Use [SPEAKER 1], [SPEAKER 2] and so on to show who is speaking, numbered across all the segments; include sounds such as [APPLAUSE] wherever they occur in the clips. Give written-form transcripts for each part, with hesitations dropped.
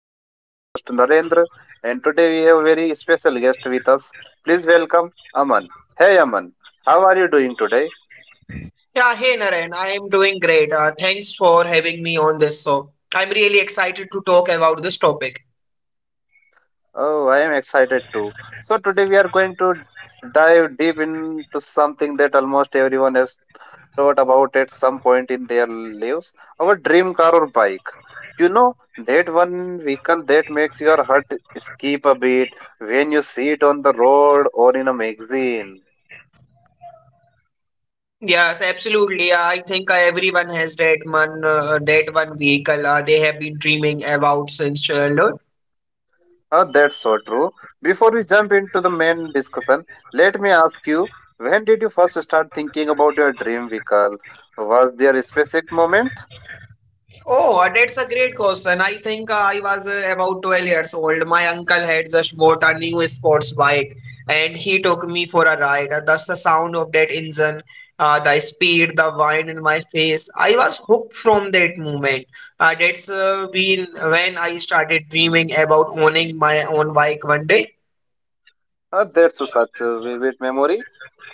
[SPEAKER 1] I am your host Narendra and today we have a very special guest with us. Please welcome Aman. Hey Aman, how are you doing today?
[SPEAKER 2] Yeah, hey Naren, I am doing great. Thanks for having me on this show. I'm really excited to talk about this topic.
[SPEAKER 1] Oh, I am excited too. So today we are going to dive deep into something that almost everyone has thought about at some point in their lives, our dream car or bike. You know, that one vehicle that makes your heart skip a beat when you see it on the road or in a magazine.
[SPEAKER 2] Yes, absolutely. I think everyone has that one vehicle they have been dreaming about since childhood.
[SPEAKER 1] Ah, that's so true. Before we jump into the main discussion, let me ask you, when did you first start thinking about your dream vehicle? Was there a specific moment?
[SPEAKER 2] Oh, that's a great question. I think I was about 12 years old. My uncle had just bought a new sports bike and he took me for a ride. Thus, the sound of that engine, the speed, the wind in my face. I was hooked from that moment. That's been when I started dreaming about owning my own bike one day.
[SPEAKER 1] Ah, that's such a vivid memory.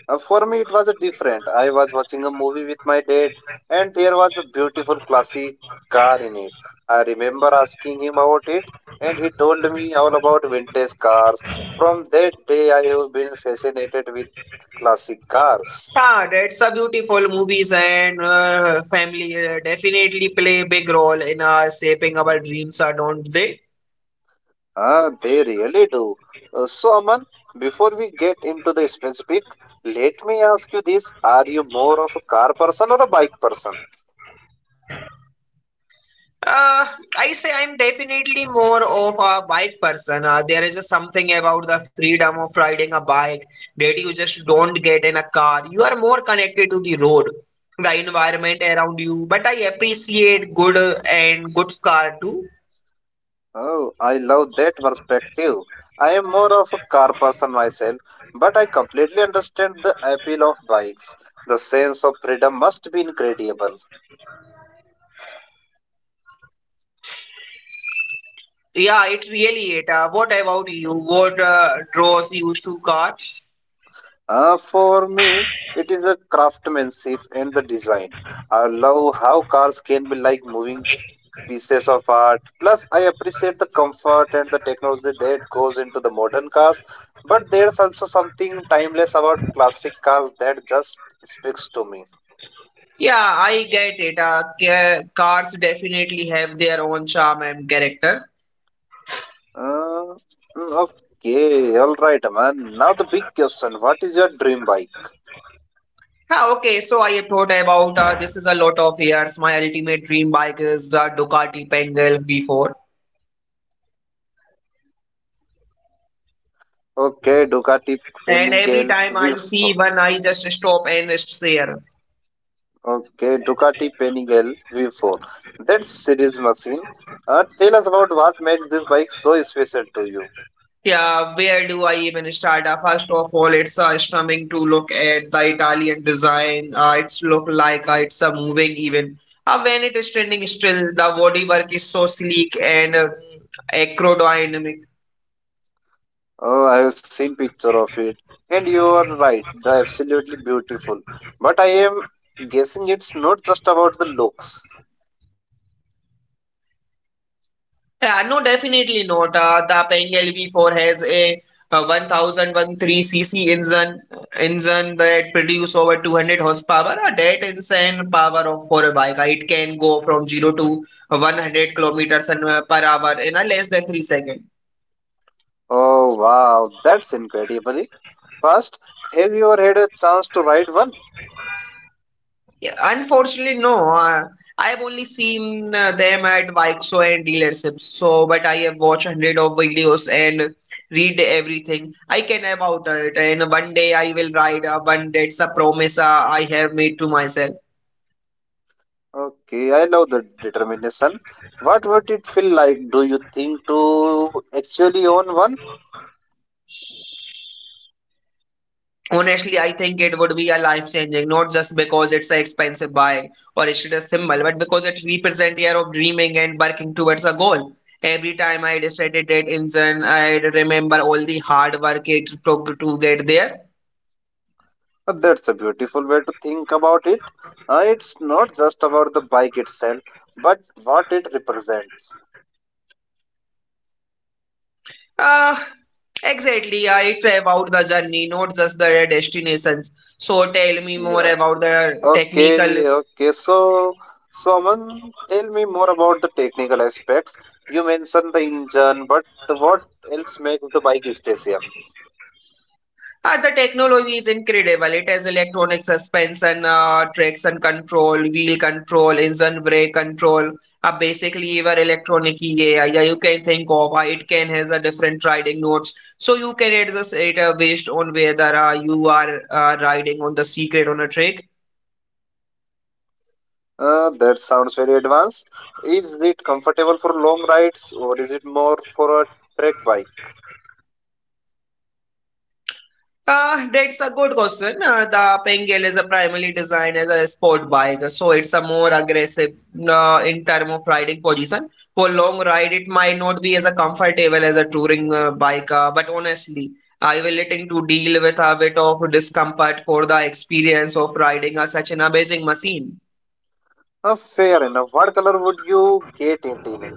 [SPEAKER 1] For me, it was a different. I was watching a movie with my dad, and there was a beautiful classy car in it. I remember asking him about it, and he told me all about vintage cars. From that day, I have been fascinated with classic cars.
[SPEAKER 2] Yeah, that's a beautiful movies, and family definitely play a big role in shaping our dreams, don't they?
[SPEAKER 1] Ah, they really do. So, Aman, before we get into the specific, let me ask you this: Are you more of a car person or a bike person?
[SPEAKER 2] Uh, I say I'm definitely more of a bike person. There is just something about the freedom of riding a bike that you just don't get in a car. You are more connected to the road, the environment around you. But I appreciate good and good car too.
[SPEAKER 1] Oh, I love that perspective. I am more of a car person myself, but I completely understand the appeal of bikes. The sense of freedom must be incredible.
[SPEAKER 2] Yeah, it really it. What about you? What draws you to car?
[SPEAKER 1] For me, it is the craftsmanship and the design. I love how cars can be like moving pieces of art. Plus, I appreciate the comfort and the technology that goes into the modern cars. But there's also something timeless about classic cars that just speaks to me.
[SPEAKER 2] Yeah, I get it. Cars definitely have their own charm and character.
[SPEAKER 1] Uh, mm, okay, all right, man. Now the big question: What is your dream bike?
[SPEAKER 2] Yeah, okay, so I thought about this is a lot of years. My ultimate dream bike is the Ducati Panigale V4.
[SPEAKER 1] Okay, Ducati
[SPEAKER 2] And every
[SPEAKER 1] Panigale
[SPEAKER 2] time I see
[SPEAKER 1] V4.
[SPEAKER 2] one, I just stop and stare.
[SPEAKER 1] Okay, Ducati Panigale V4. That's a series machine. Tell us about what makes this bike so special to you.
[SPEAKER 2] Yeah, where do I even start? First of all, it's stunning to look at the Italian design. It's look like it's a moving even. When it is standing still, the bodywork is so sleek and acrodynamic.
[SPEAKER 1] Oh, I have seen picture of it, and you are right. They're absolutely beautiful. But I am guessing it's not just about the looks.
[SPEAKER 2] Yeah, no, definitely not. The Pengal V4 has a, 1013 cc engine that produce over 200 horsepower. That insane power of for a bike. It can go from 0 to 100 kilometers per hour in less than 3 seconds.
[SPEAKER 1] Oh wow, that's incredibly fast. Have you ever had a chance to ride one?
[SPEAKER 2] Yeah, unfortunately, no. I have only seen them at Vikesho and dealerships. So, but I have watched hundred of videos and read everything I can about it. And one day I will ride. One that's a promise I have made to myself.
[SPEAKER 1] Okay, I love the determination. What would it feel like, do you think, to actually own one?
[SPEAKER 2] Honestly, I think it would be a life changing, not just because it's an expensive bike or it's a symbol, but because it represents year of dreaming and working towards a goal. Every time I decided that engine, I remember all the hard work it took to get there.
[SPEAKER 1] That's a beautiful way to think about it. It's not just about the bike itself, but what it represents.
[SPEAKER 2] Uh, exactly. I It's about the journey, not just the destinations. So tell me more
[SPEAKER 1] Yeah.
[SPEAKER 2] about the technical.
[SPEAKER 1] Okay, okay. So, someone tell me more about the technical aspects. You mentioned the engine, but what else makes the bike special?
[SPEAKER 2] The technology is incredible. It has electronic suspension, traction control, wheel control, engine brake control. Basically, your electronic. Yeah, yeah, you can think of. It can has a different riding notes, so you can adjust it based on whether you are riding on the secret on a track.
[SPEAKER 1] That sounds very advanced. Is it comfortable for long rides or is it more for a trek bike?
[SPEAKER 2] That's a good question. The Pengal is a primarily designed as a sport bike, so it's a more aggressive in term of riding position. For long ride, it might not be as a comfortable as a touring bike, but honestly, I will willing to deal with a bit of discomfort for the experience of riding a, such an amazing machine.
[SPEAKER 1] Fair enough. What color would you get it in?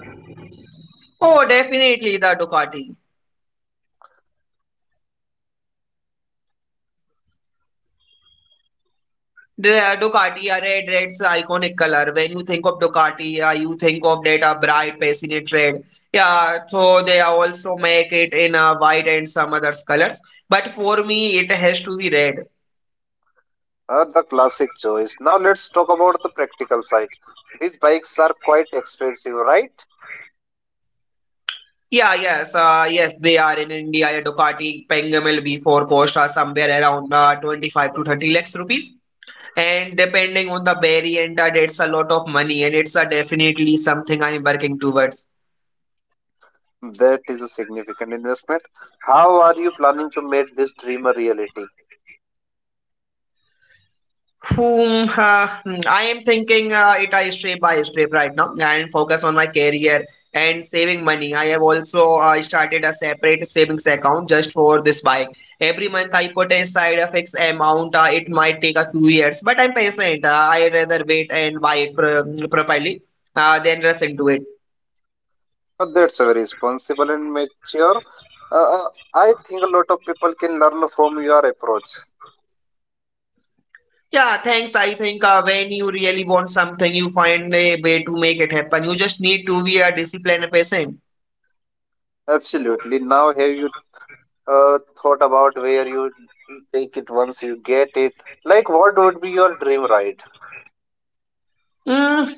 [SPEAKER 2] Oh, definitely the Ducati. The Ducati, yeah, red, red's iconic color. When you think of Ducati, you think of that bright, passionate red. Yeah, so they also make it in white and some other colors. But for me, it has to be red.
[SPEAKER 1] The classic choice. Now let's talk about the practical side. These bikes are quite expensive, right?
[SPEAKER 2] Yeah, yes, they are in India. A Ducati Pangamil V4 cost are somewhere around 25 to 30 lakhs rupees. And depending on the variant, that's a lot of money, and it's definitely something I'm working towards.
[SPEAKER 1] That is a significant investment. How are you planning to make this dream a reality?
[SPEAKER 2] I am thinking it I step by step right now and focus on my career and saving money. I have also started a separate savings account just for this bike. Every month I put aside a fixed amount. It might take a few years, but I'm patient. I rather wait and buy it properly than rush into it.
[SPEAKER 1] That's a very responsible and mature. I think a lot of people can learn from your approach.
[SPEAKER 2] Yeah, thanks. I think when you really want something, you find a way to make it happen. You just need to be a disciplined person.
[SPEAKER 1] Absolutely. Now, have you thought about where you take it once you get it? Like, what would be your dream ride?
[SPEAKER 2] Mm,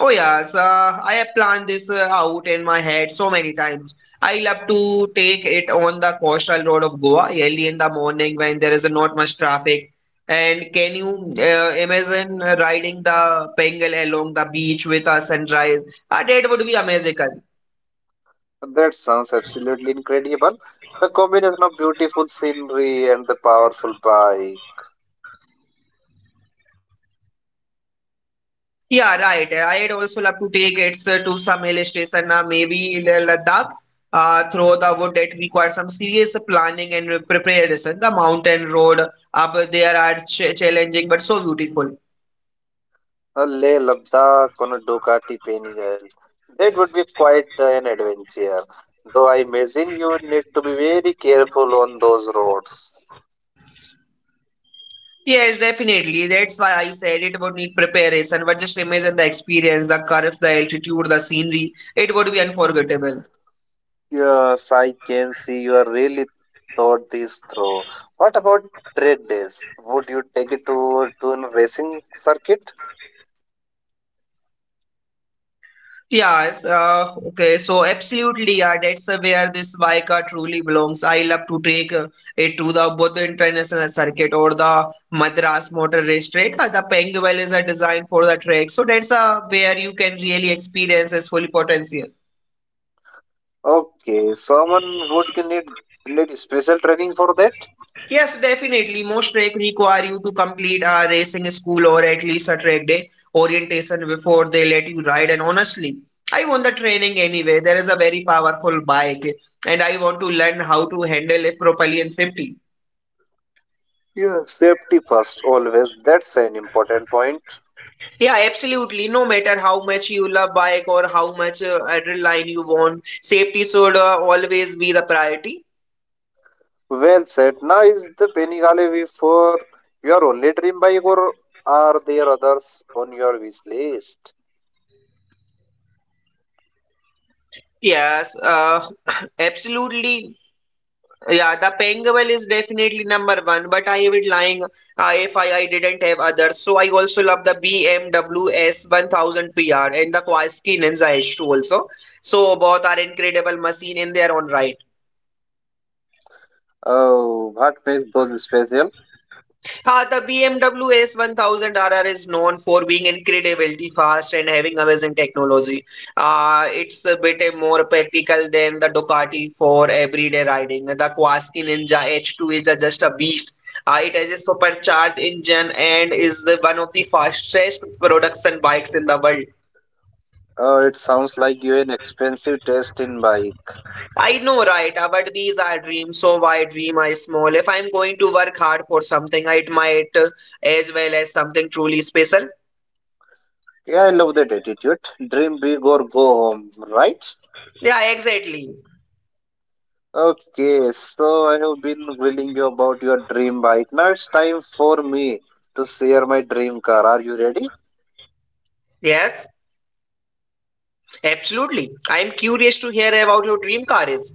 [SPEAKER 2] Oh yes, I have planned this out in my head so many times. I love to take it on the coastal road of Goa early in the morning when there is not much traffic. And can you imagine riding the Bengal along the beach with a sunrise? That would be amazing.
[SPEAKER 1] That sounds absolutely incredible. The combination of beautiful scenery and the powerful bike.
[SPEAKER 2] Yeah, right. I'd also love to take it sir, to some hill station, maybe Leh Ladakh, through the wood. It requires some serious planning and preparation. The mountain road up there are ch challenging but so beautiful.
[SPEAKER 1] A Leh Ladakh on a Ducati Pennygal. That would be quite an adventure, though I imagine you would need to be very careful on those roads.
[SPEAKER 2] Yes, definitely. That's why I said it would need preparation. But just imagine the experience, the curves, the altitude, the scenery. It would be unforgettable.
[SPEAKER 1] Yes, I can see you are really thought this through. What about trade days? Would you take it to a racing circuit?
[SPEAKER 2] Yes, okay, so absolutely, yeah, that's where this Waika truly belongs. I love to take it to the both the International Circuit or the Madras Motor Race Track. The Penguel is a design for the track, so that's where you can really experience its full potential.
[SPEAKER 1] Okay, someone would you need special training for that?
[SPEAKER 2] Yes, definitely. Most trek require you to complete a racing school or at least a track day orientation before they let you ride. And honestly, I want the training anyway. There is a very powerful bike, and I want to learn how to handle it properly and safely.
[SPEAKER 1] Yeah, safety first always. That's an important point.
[SPEAKER 2] Yeah, absolutely. No matter how much you love bike or how much adrenaline you want, safety should always be the priority.
[SPEAKER 1] Well said. Now, is the Bengali for your only dream bike, or are there others on your wish list?
[SPEAKER 2] Yes, [COUGHS] [CLEARS THROAT] absolutely. Yeah, the Pangaval is definitely number one, but I would lying if I, I didn't have others. So I also love the BMW S1000 PR and the Kawasaki Ninja H2 also. So both are incredible machine in their own right.
[SPEAKER 1] Oh, what makes those special?
[SPEAKER 2] The BMW S1000 RR is known for being incredibly fast and having amazing technology. It's a bit more practical than the Ducati for everyday riding. The Kawasaki Ninja H2 is just a beast. It has a supercharged engine and is the, one of the fastest production bikes in the world.
[SPEAKER 1] Oh, it sounds like you an expensive taste in bike.
[SPEAKER 2] I know, right? But these are dreams, so why dream I small? If I'm going to work hard for something, it might as well as something truly special.
[SPEAKER 1] Yeah, I love that attitude. Dream big or go home, right?
[SPEAKER 2] Yeah, exactly.
[SPEAKER 1] Okay, so I have been grilling you about your dream bike. Now it's time for me to share my dream car. Are you ready?
[SPEAKER 2] Yes, absolutely. I'm curious to hear about your dream car is.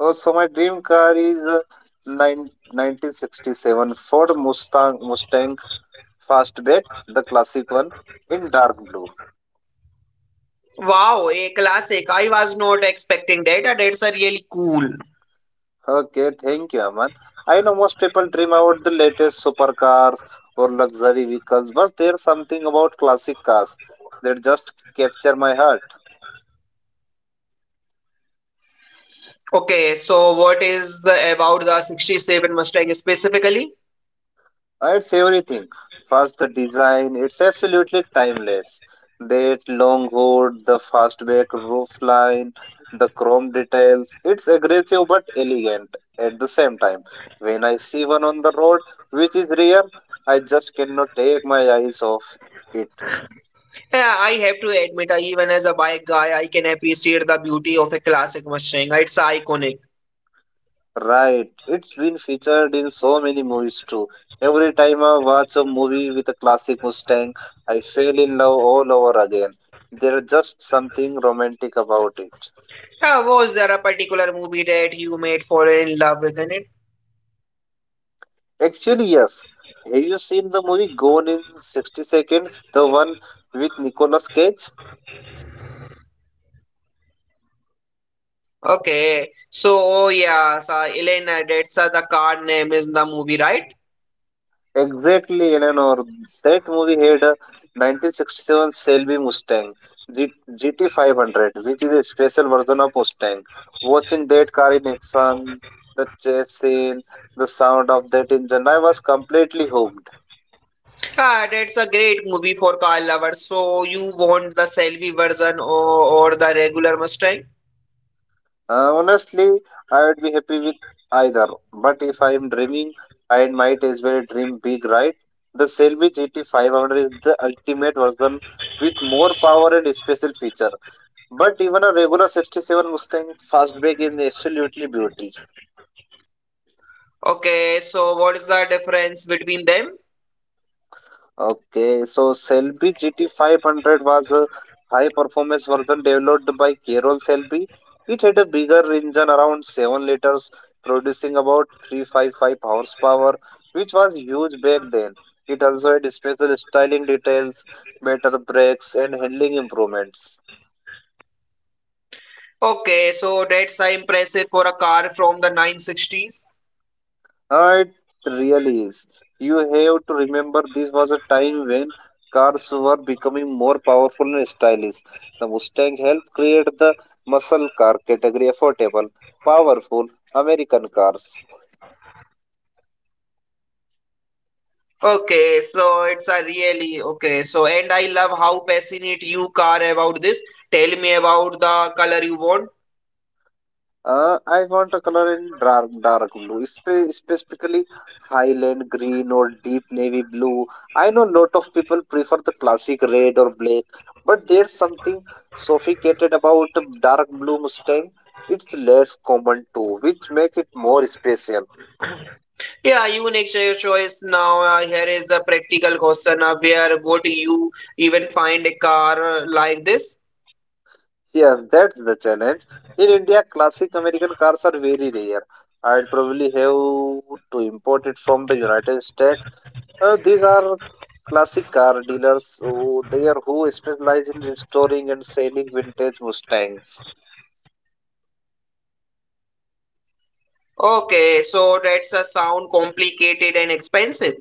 [SPEAKER 1] Oh, so my dream car is nine, 1967 Ford Mustang Fastback, the classic one in dark blue.
[SPEAKER 2] Wow, a classic. I was not expecting that. That's a really cool.
[SPEAKER 1] Okay, thank you, Aman. I know most people dream about the latest supercars or luxury vehicles, but there's something about classic cars that just capture my heart.
[SPEAKER 2] Okay, so what is the, about the 67 Mustang specifically?
[SPEAKER 1] It's everything. First, the design, it's absolutely timeless. That long hood, the fastback roof line, the chrome details, it's aggressive but elegant at the same time. When I see one on the road, which is rare, I just cannot take my eyes off it.
[SPEAKER 2] Yeah, I have to admit, I, even as a bike guy, I can appreciate the beauty of a classic Mustang. It's iconic.
[SPEAKER 1] Right. It's been featured in so many movies too. Every time I watch a movie with a classic Mustang, I fell in love all over again. There's just something romantic about it.
[SPEAKER 2] Yeah, was there a particular movie that you made fall in love with in it?
[SPEAKER 1] Actually, yes. Have you seen the movie Gone in 60 Seconds? The one with Nicolas Cage?
[SPEAKER 2] Okay, so oh yeah, so Elena, that's the car name is the movie, right?
[SPEAKER 1] Exactly, Eleanor. That movie had a 1967 Shelby Mustang GT500, which is a special version of Mustang. Watching that car in action, the chase scene, the sound of that engine, I was completely hooked.
[SPEAKER 2] Yeah, that's a great movie for car lovers. So you want the Shelby version or the regular Mustang?
[SPEAKER 1] Honestly, I would be happy with either. But if I am dreaming, I might as well dream big, right? The Shelby GT500 is the ultimate version with more power and special features. But even a regular 67 Mustang fastback is absolutely beauty.
[SPEAKER 2] Okay, so what is the difference between them?
[SPEAKER 1] Okay, so Shelby GT500 was a high performance version developed by Carroll Shelby. It had a bigger engine around 7 liters, producing about 355 horsepower, which was huge back then. It also had special styling details, better brakes, and handling improvements.
[SPEAKER 2] Okay, so that's impressive for a car from the 960s.
[SPEAKER 1] It really is. You have to remember this was a time when cars were becoming more powerful and stylish. The Mustang helped create the muscle car category affordable, powerful American cars.
[SPEAKER 2] Okay, so it's a really okay. So and I love how passionate you car about this. Tell me about the color you want.
[SPEAKER 1] I want a color in dark blue, specifically highland green or deep navy blue. I know lot of people prefer the classic red or black, but there's something sophisticated about a dark blue Mustang. It's less common too, which make it more special.
[SPEAKER 2] Yeah, you next your choice now. Here is a practical question. Where would you even find a car like this?
[SPEAKER 1] Yes, that's the challenge. In India, classic American cars are very rare. I'd probably have to import it from the United States. These are classic car dealers who there who specialize in restoring and selling vintage Mustangs.
[SPEAKER 2] Okay, so that's a sound complicated and expensive.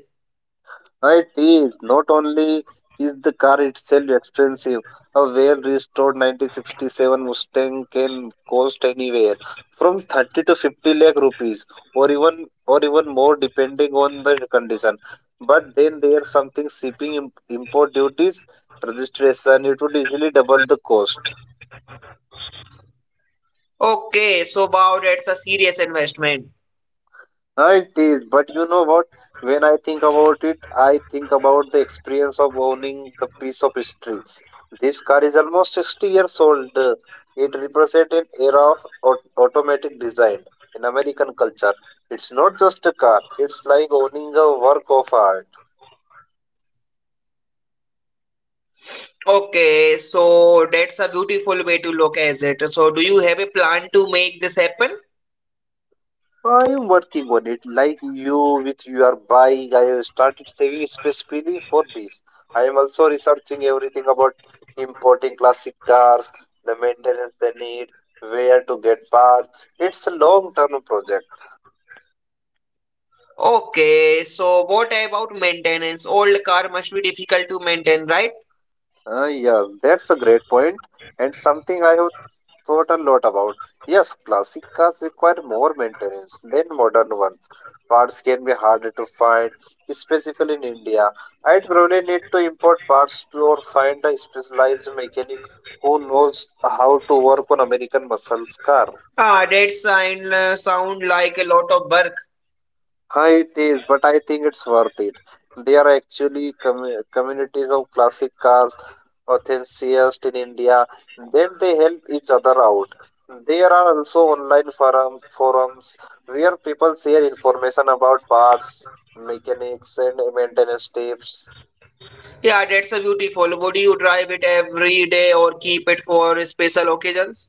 [SPEAKER 1] It is not only is the car itself expensive, a well restored 1967 Mustang can cost anywhere from 30 to 50 lakh rupees or even more depending on the condition. But then there's something shipping import duties registration it would easily double the cost.
[SPEAKER 2] Okay, so wow, that's a serious investment.
[SPEAKER 1] It is, but you know what? When I think about it, I think about the experience of owning the piece of history. This car is almost 60 years old. It represents an era of automatic design in American culture. It's not just a car, it's like owning a work of art.
[SPEAKER 2] Okay, so that's a beautiful way to look at it. So do you have a plan to make this happen?
[SPEAKER 1] I am working on it. Like you with your bike, I have started saving specifically for this. I am also researching everything about importing classic cars, the maintenance they need, where to get parts. It's a long-term project.
[SPEAKER 2] Okay, so what about maintenance? Old car must be difficult to maintain, right?
[SPEAKER 1] Yeah, that's a great point and something I have What a lot about. Yes, classic cars require more maintenance than modern ones. Parts can be harder to find, especially in India. I'd probably need to import parts to or find a specialized mechanic who knows how to work on American muscle car.
[SPEAKER 2] Ah, that sign sound like a lot of work.
[SPEAKER 1] Huh, it is, but I think it's worth it. There are actually communities of classic cars enthusiasts in India. Then they help each other out. There are also online forums where people share information about parts, mechanics, and maintenance tips.
[SPEAKER 2] Yeah, that's a beautiful. Would you drive it every day or keep it for special occasions?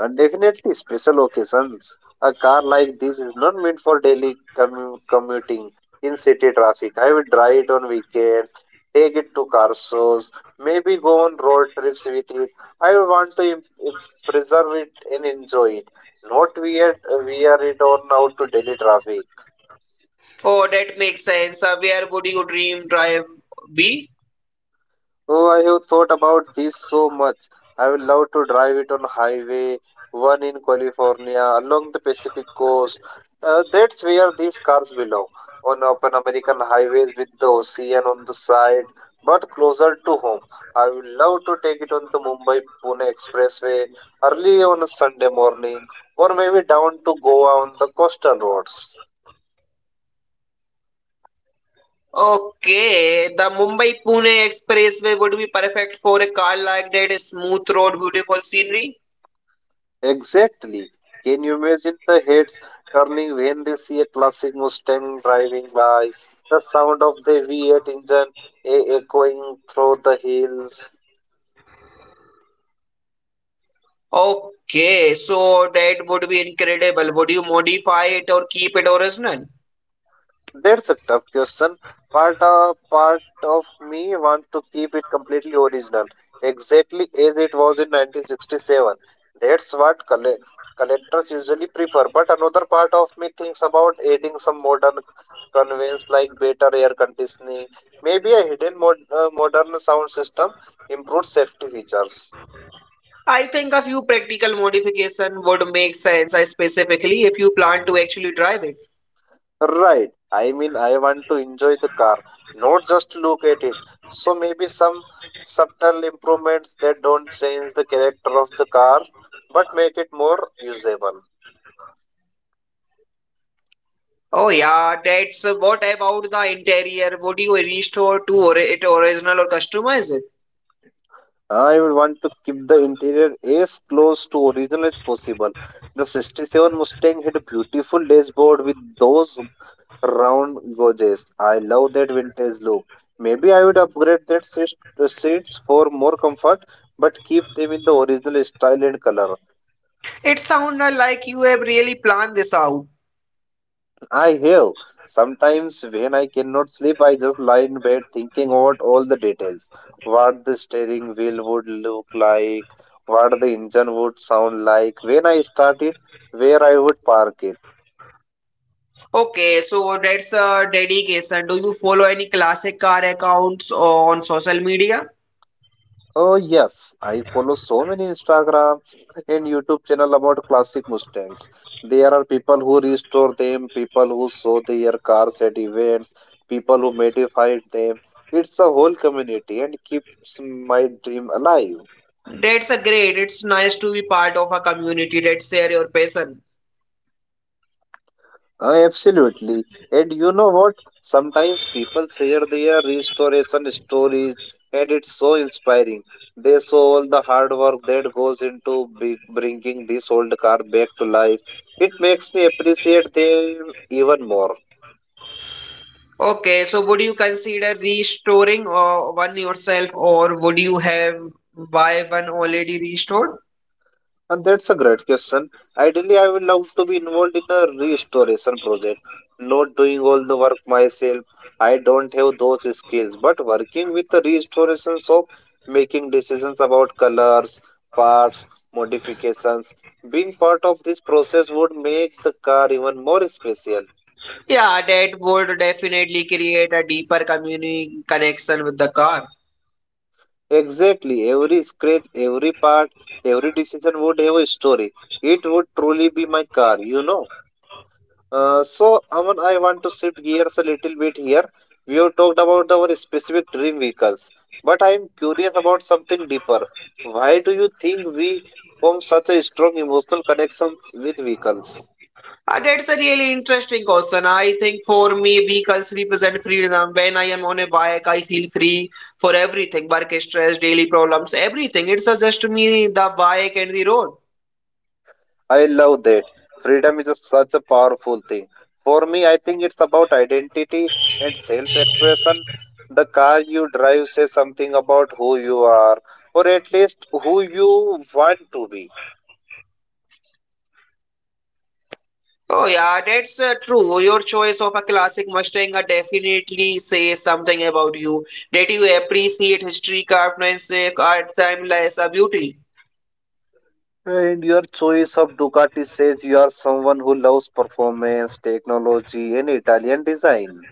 [SPEAKER 1] Definitely special occasions. A car like this is not meant for daily commuting in city traffic. I would drive it on weekends, take it to car shows, maybe go on road trips with it. I would want to im- preserve it and enjoy it. Not wear it on out to daily traffic.
[SPEAKER 2] Oh, that makes sense. Where would your dream drive be?
[SPEAKER 1] Oh, I have thought about this so much. I would love to drive it on Highway 1 in California along the Pacific coast. That's where these cars belong, on open American highways with the ocean on the side, but closer to home. I would love to take it on the Mumbai Pune Expressway early on a Sunday morning, or maybe down to Goa on the coastal roads.
[SPEAKER 2] Okay, the Mumbai Pune Expressway would be perfect for a car like that, a smooth road, beautiful scenery.
[SPEAKER 1] Exactly. Can you imagine the heads turning when they see a classic Mustang driving by? The sound of the V8 engine echoing through the hills.
[SPEAKER 2] Okay, so that would be incredible. Would you modify it or keep it original?
[SPEAKER 1] That's a tough question. Part of me want to keep it completely original, exactly as it was in 1967. That's what collectors usually prefer. But another part of me thinks about adding some modern convenience like better air conditioning, maybe a hidden modern sound system, improved safety features.
[SPEAKER 2] I think a few practical modification would make sense, specifically if you plan to actually drive it.
[SPEAKER 1] Right. I mean, I want to enjoy the car, not just look at it. So maybe some subtle improvements that don't change the character of the car, but make it more usable.
[SPEAKER 2] Oh yeah, that's what about the interior? Would you restore to or it original or customize it?
[SPEAKER 1] I would want to keep the interior as close to original as possible. The 67 Mustang had a beautiful dashboard with those round gauges. I love that vintage look. Maybe I would upgrade that seats for more comfort, but keep them in the original style and color.
[SPEAKER 2] It sounded like you have really planned this out.
[SPEAKER 1] I hear. Sometimes when I cannot sleep, I just lie in bed thinking about all the details. What the steering wheel would look like, what the engine would sound like, when I start it, where I would park it.
[SPEAKER 2] Okay, so that's a dedication. Do you follow any classic car accounts on social media?
[SPEAKER 1] Oh yes, I follow so many Instagram and YouTube channel about classic Mustangs. There are people who restore them, people who show their cars at events, people who modified them. It's a whole community and keeps my dream alive.
[SPEAKER 2] That's a great. It's nice to be part of a community that share your passion.
[SPEAKER 1] Absolutely. And you know what? Sometimes people share their restoration stories, and it's so inspiring. They saw all the hard work that goes into bringing this old car back to life. It makes me appreciate them even more.
[SPEAKER 2] Okay, so would you consider restoring one yourself, or would you have buy one already restored?
[SPEAKER 1] And that's a great question. Ideally, I would love to be involved in a restoration project, not doing all the work myself. I don't have those skills, but working with the restorations of making decisions about colors, parts, modifications, being part of this process would make the car even more special.
[SPEAKER 2] Yeah, that would definitely create a deeper community connection with the car.
[SPEAKER 1] Exactly, every scratch, every part, every decision would have a story. It would truly be my car, you know. So, Aman, I want to shift gears a little bit here. We have talked about our specific dream vehicles, but I am curious about something deeper. Why do you think we form such a strong emotional connection with vehicles?
[SPEAKER 2] That's a really interesting question. I think for me, vehicles represent freedom. When I am on a bike, I feel free for everything work, stress, daily problems, everything. It's just me, the bike, and the road.
[SPEAKER 1] I love that. Freedom is just such a powerful thing. For me, I think it's about identity and self expression. The car you drive says something about who you are, or at least who you want to be.
[SPEAKER 2] Oh, yeah, that's true. Your choice of a classic Mustang definitely says something about you. That you appreciate history, craftsmanship, art, timeless beauty.
[SPEAKER 1] And your choice of Ducati says you are someone who loves performance, technology, and Italian design.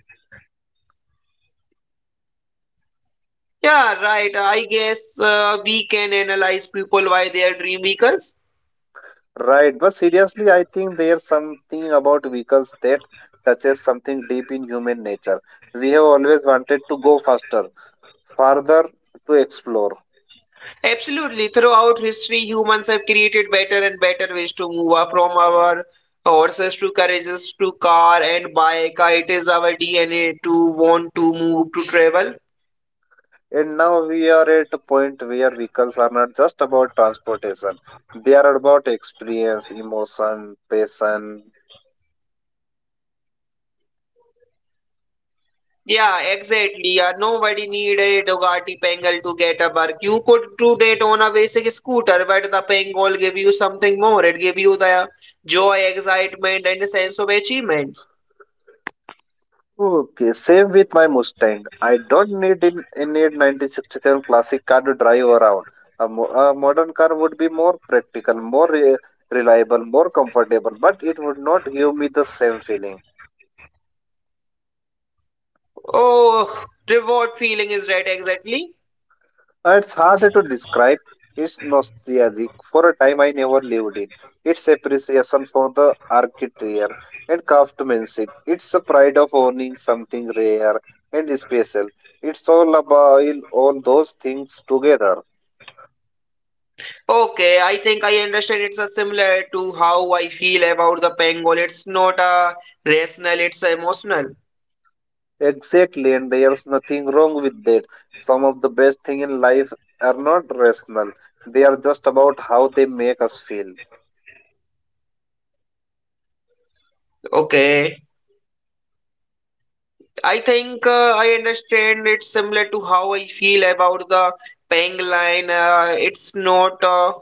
[SPEAKER 2] Yeah, right. I guess we can analyze people by their dream vehicles.
[SPEAKER 1] Right, but seriously, I think there's something about vehicles that touches something deep in human nature. We have always wanted to go faster, farther to explore.
[SPEAKER 2] Absolutely. Throughout history, humans have created better and better ways to move up from our horses to carriages to car and bike. It is our DNA to want to move to travel.
[SPEAKER 1] And now we are at a point where vehicles are not just about transportation, they are about experience, emotion, passion.
[SPEAKER 2] Yeah, exactly. Yeah, nobody need a Dugatti Pangal to get a work. You could do that on a basic scooter, but the Pangal gave you something more. It gave you the joy, excitement, and a sense of achievement.
[SPEAKER 1] Okay, same with my Mustang. I don't need in need 1967 classic car to drive around. A modern car would be more practical, more reliable, more comfortable, but it would not give me the same feeling.
[SPEAKER 2] Oh, reward feeling is right, exactly.
[SPEAKER 1] It's harder to describe. It's nostalgic for a time I never lived in. It's appreciation for the architecture and craftsmanship. It's a pride of owning something rare and special. It's all about all those things together.
[SPEAKER 2] Okay, I think I understand it's a similar to how I feel about the Pangol. It's not a rational, it's a emotional.
[SPEAKER 1] Exactly, and there's nothing wrong with that. Some of the best things in life are not rational, they are just about how they make us feel.
[SPEAKER 2] Okay, I think I understand it's similar to how I feel about the Pangolin. It's not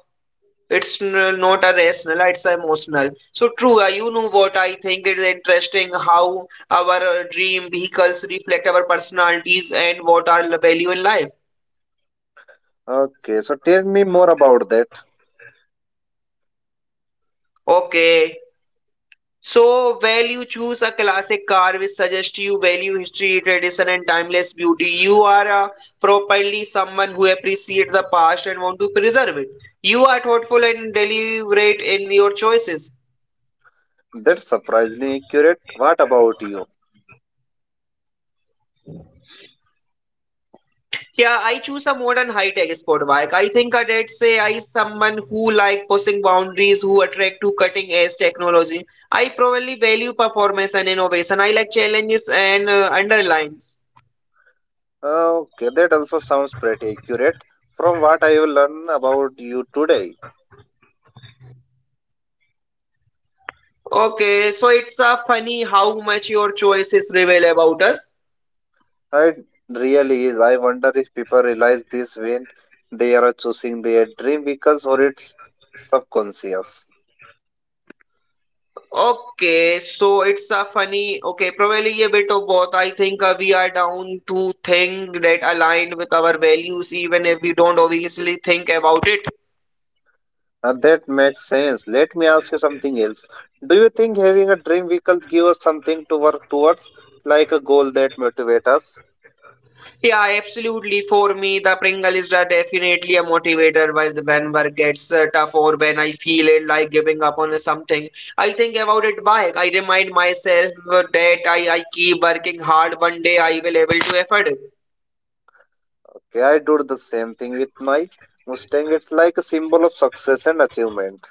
[SPEAKER 2] not a rational, it's a emotional. So true, you know what I think is interesting how our dream vehicles reflect our personalities and what our value in life.
[SPEAKER 1] Okay, so tell me more about that.
[SPEAKER 2] Okay. So, while you choose a classic car which suggests you value history, tradition, and timeless beauty, you are a properly someone who appreciates the past and want to preserve it. You are thoughtful and deliberate in your choices.
[SPEAKER 1] That's surprisingly accurate. What about you?
[SPEAKER 2] Yeah, I choose a modern high-tech sport bike. I think that say I someone who like pushing boundaries, who attract to cutting-edge technology. I probably value performance and innovation. I like challenges and underlines.
[SPEAKER 1] Okay, that also sounds pretty accurate. From what I will learn about you today,
[SPEAKER 2] Okay, so it's a funny how much your choices reveal about us.
[SPEAKER 1] it really is. I wonder if people realize this when they are choosing their dream vehicles or it's subconscious.
[SPEAKER 2] Okay, so it's a funny. Okay, probably a bit of both. I think we are down to things that aligned with our values, even if we don't obviously think about it.
[SPEAKER 1] That makes sense. Let me ask you something else. Do you think having a dream vehicle gives us something to work towards, like a goal that motivates us?
[SPEAKER 2] Yeah, absolutely. For me, the Pringle is the- definitely a motivator while the when work gets tough or when I feel it like giving up on something. I think about it back. I remind myself that I keep working hard. One day I will able to afford it.
[SPEAKER 1] Okay, I do the same thing with my Mustang. It's like a symbol of success and achievement.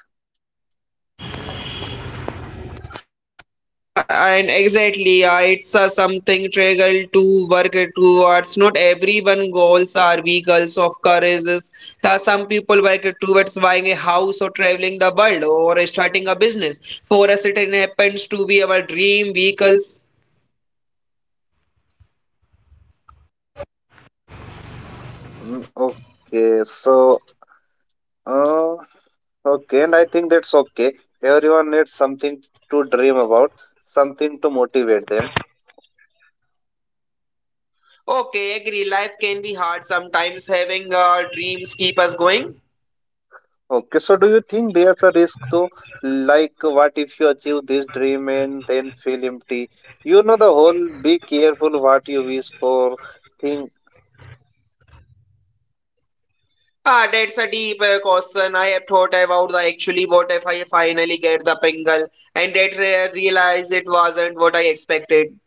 [SPEAKER 1] Mm, okay, so uh, okay, and I think that's okay. Everyone needs something to dream about, something to motivate them.
[SPEAKER 2] Okay, agree. Life can be hard sometimes. Having dreams keep us going.
[SPEAKER 1] Okay, so do you think there's a risk though? Like, what if you achieve this dream and then feel empty? You know the whole be careful what you wish for thing.
[SPEAKER 2] That's a deep question. I have thought about the actually what if I finally get the pingle and that re realize it wasn't what I expected.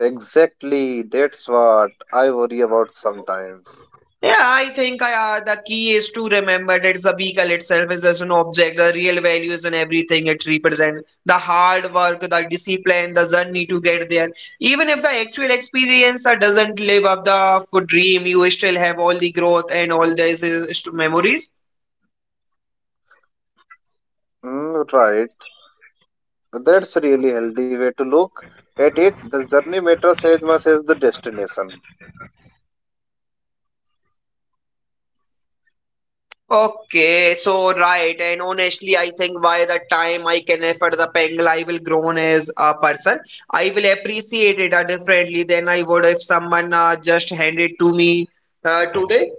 [SPEAKER 1] Exactly, that's what I worry about sometimes.
[SPEAKER 2] Yeah, I think the key is to remember that the vehicle itself is just an object. The real value is in everything it represents. The hard work, the discipline, the journey to get there. Even if the actual experience doesn't live up the dream, you still have all the growth and all these memories.
[SPEAKER 1] Mm, right, that's really healthy way to look at it. The journey matters as much as the destination.
[SPEAKER 2] Okay, so right, and honestly, I think by the time I can afford the Pengal, I will grown as a person. I will appreciate it differently than I would if someone just handed to me today.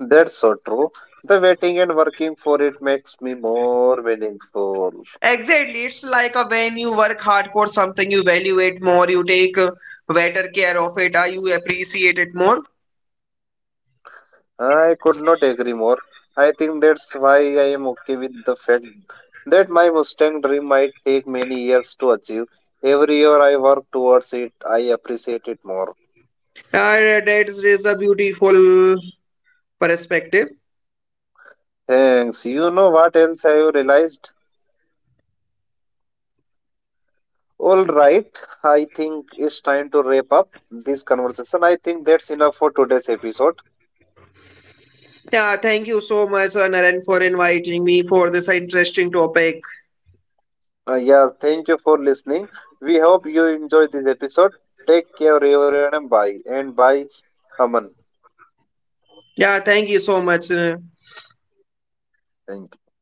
[SPEAKER 1] That's so true. The waiting and working for it makes me more meaningful.
[SPEAKER 2] Exactly, it's like when you work hard for something, you value it more, you take better care of it, you appreciate it more.
[SPEAKER 1] I could not agree more. I think that's why I am okay with the fact that my Mustang dream might take many years to achieve. Every year I work towards it, I appreciate it more.
[SPEAKER 2] That is a beautiful perspective.
[SPEAKER 1] Thanks. You know what else I have realized? All right, I think it's time to wrap up this conversation. I think that's enough for today's episode.
[SPEAKER 2] Yeah, thank you so much, Naren, for inviting me for this interesting topic.
[SPEAKER 1] Yeah, thank you for listening. We hope you enjoyed this episode. Take care, everyone, and bye. And bye, Aman.
[SPEAKER 2] Yeah, thank you so much.
[SPEAKER 1] Thank you.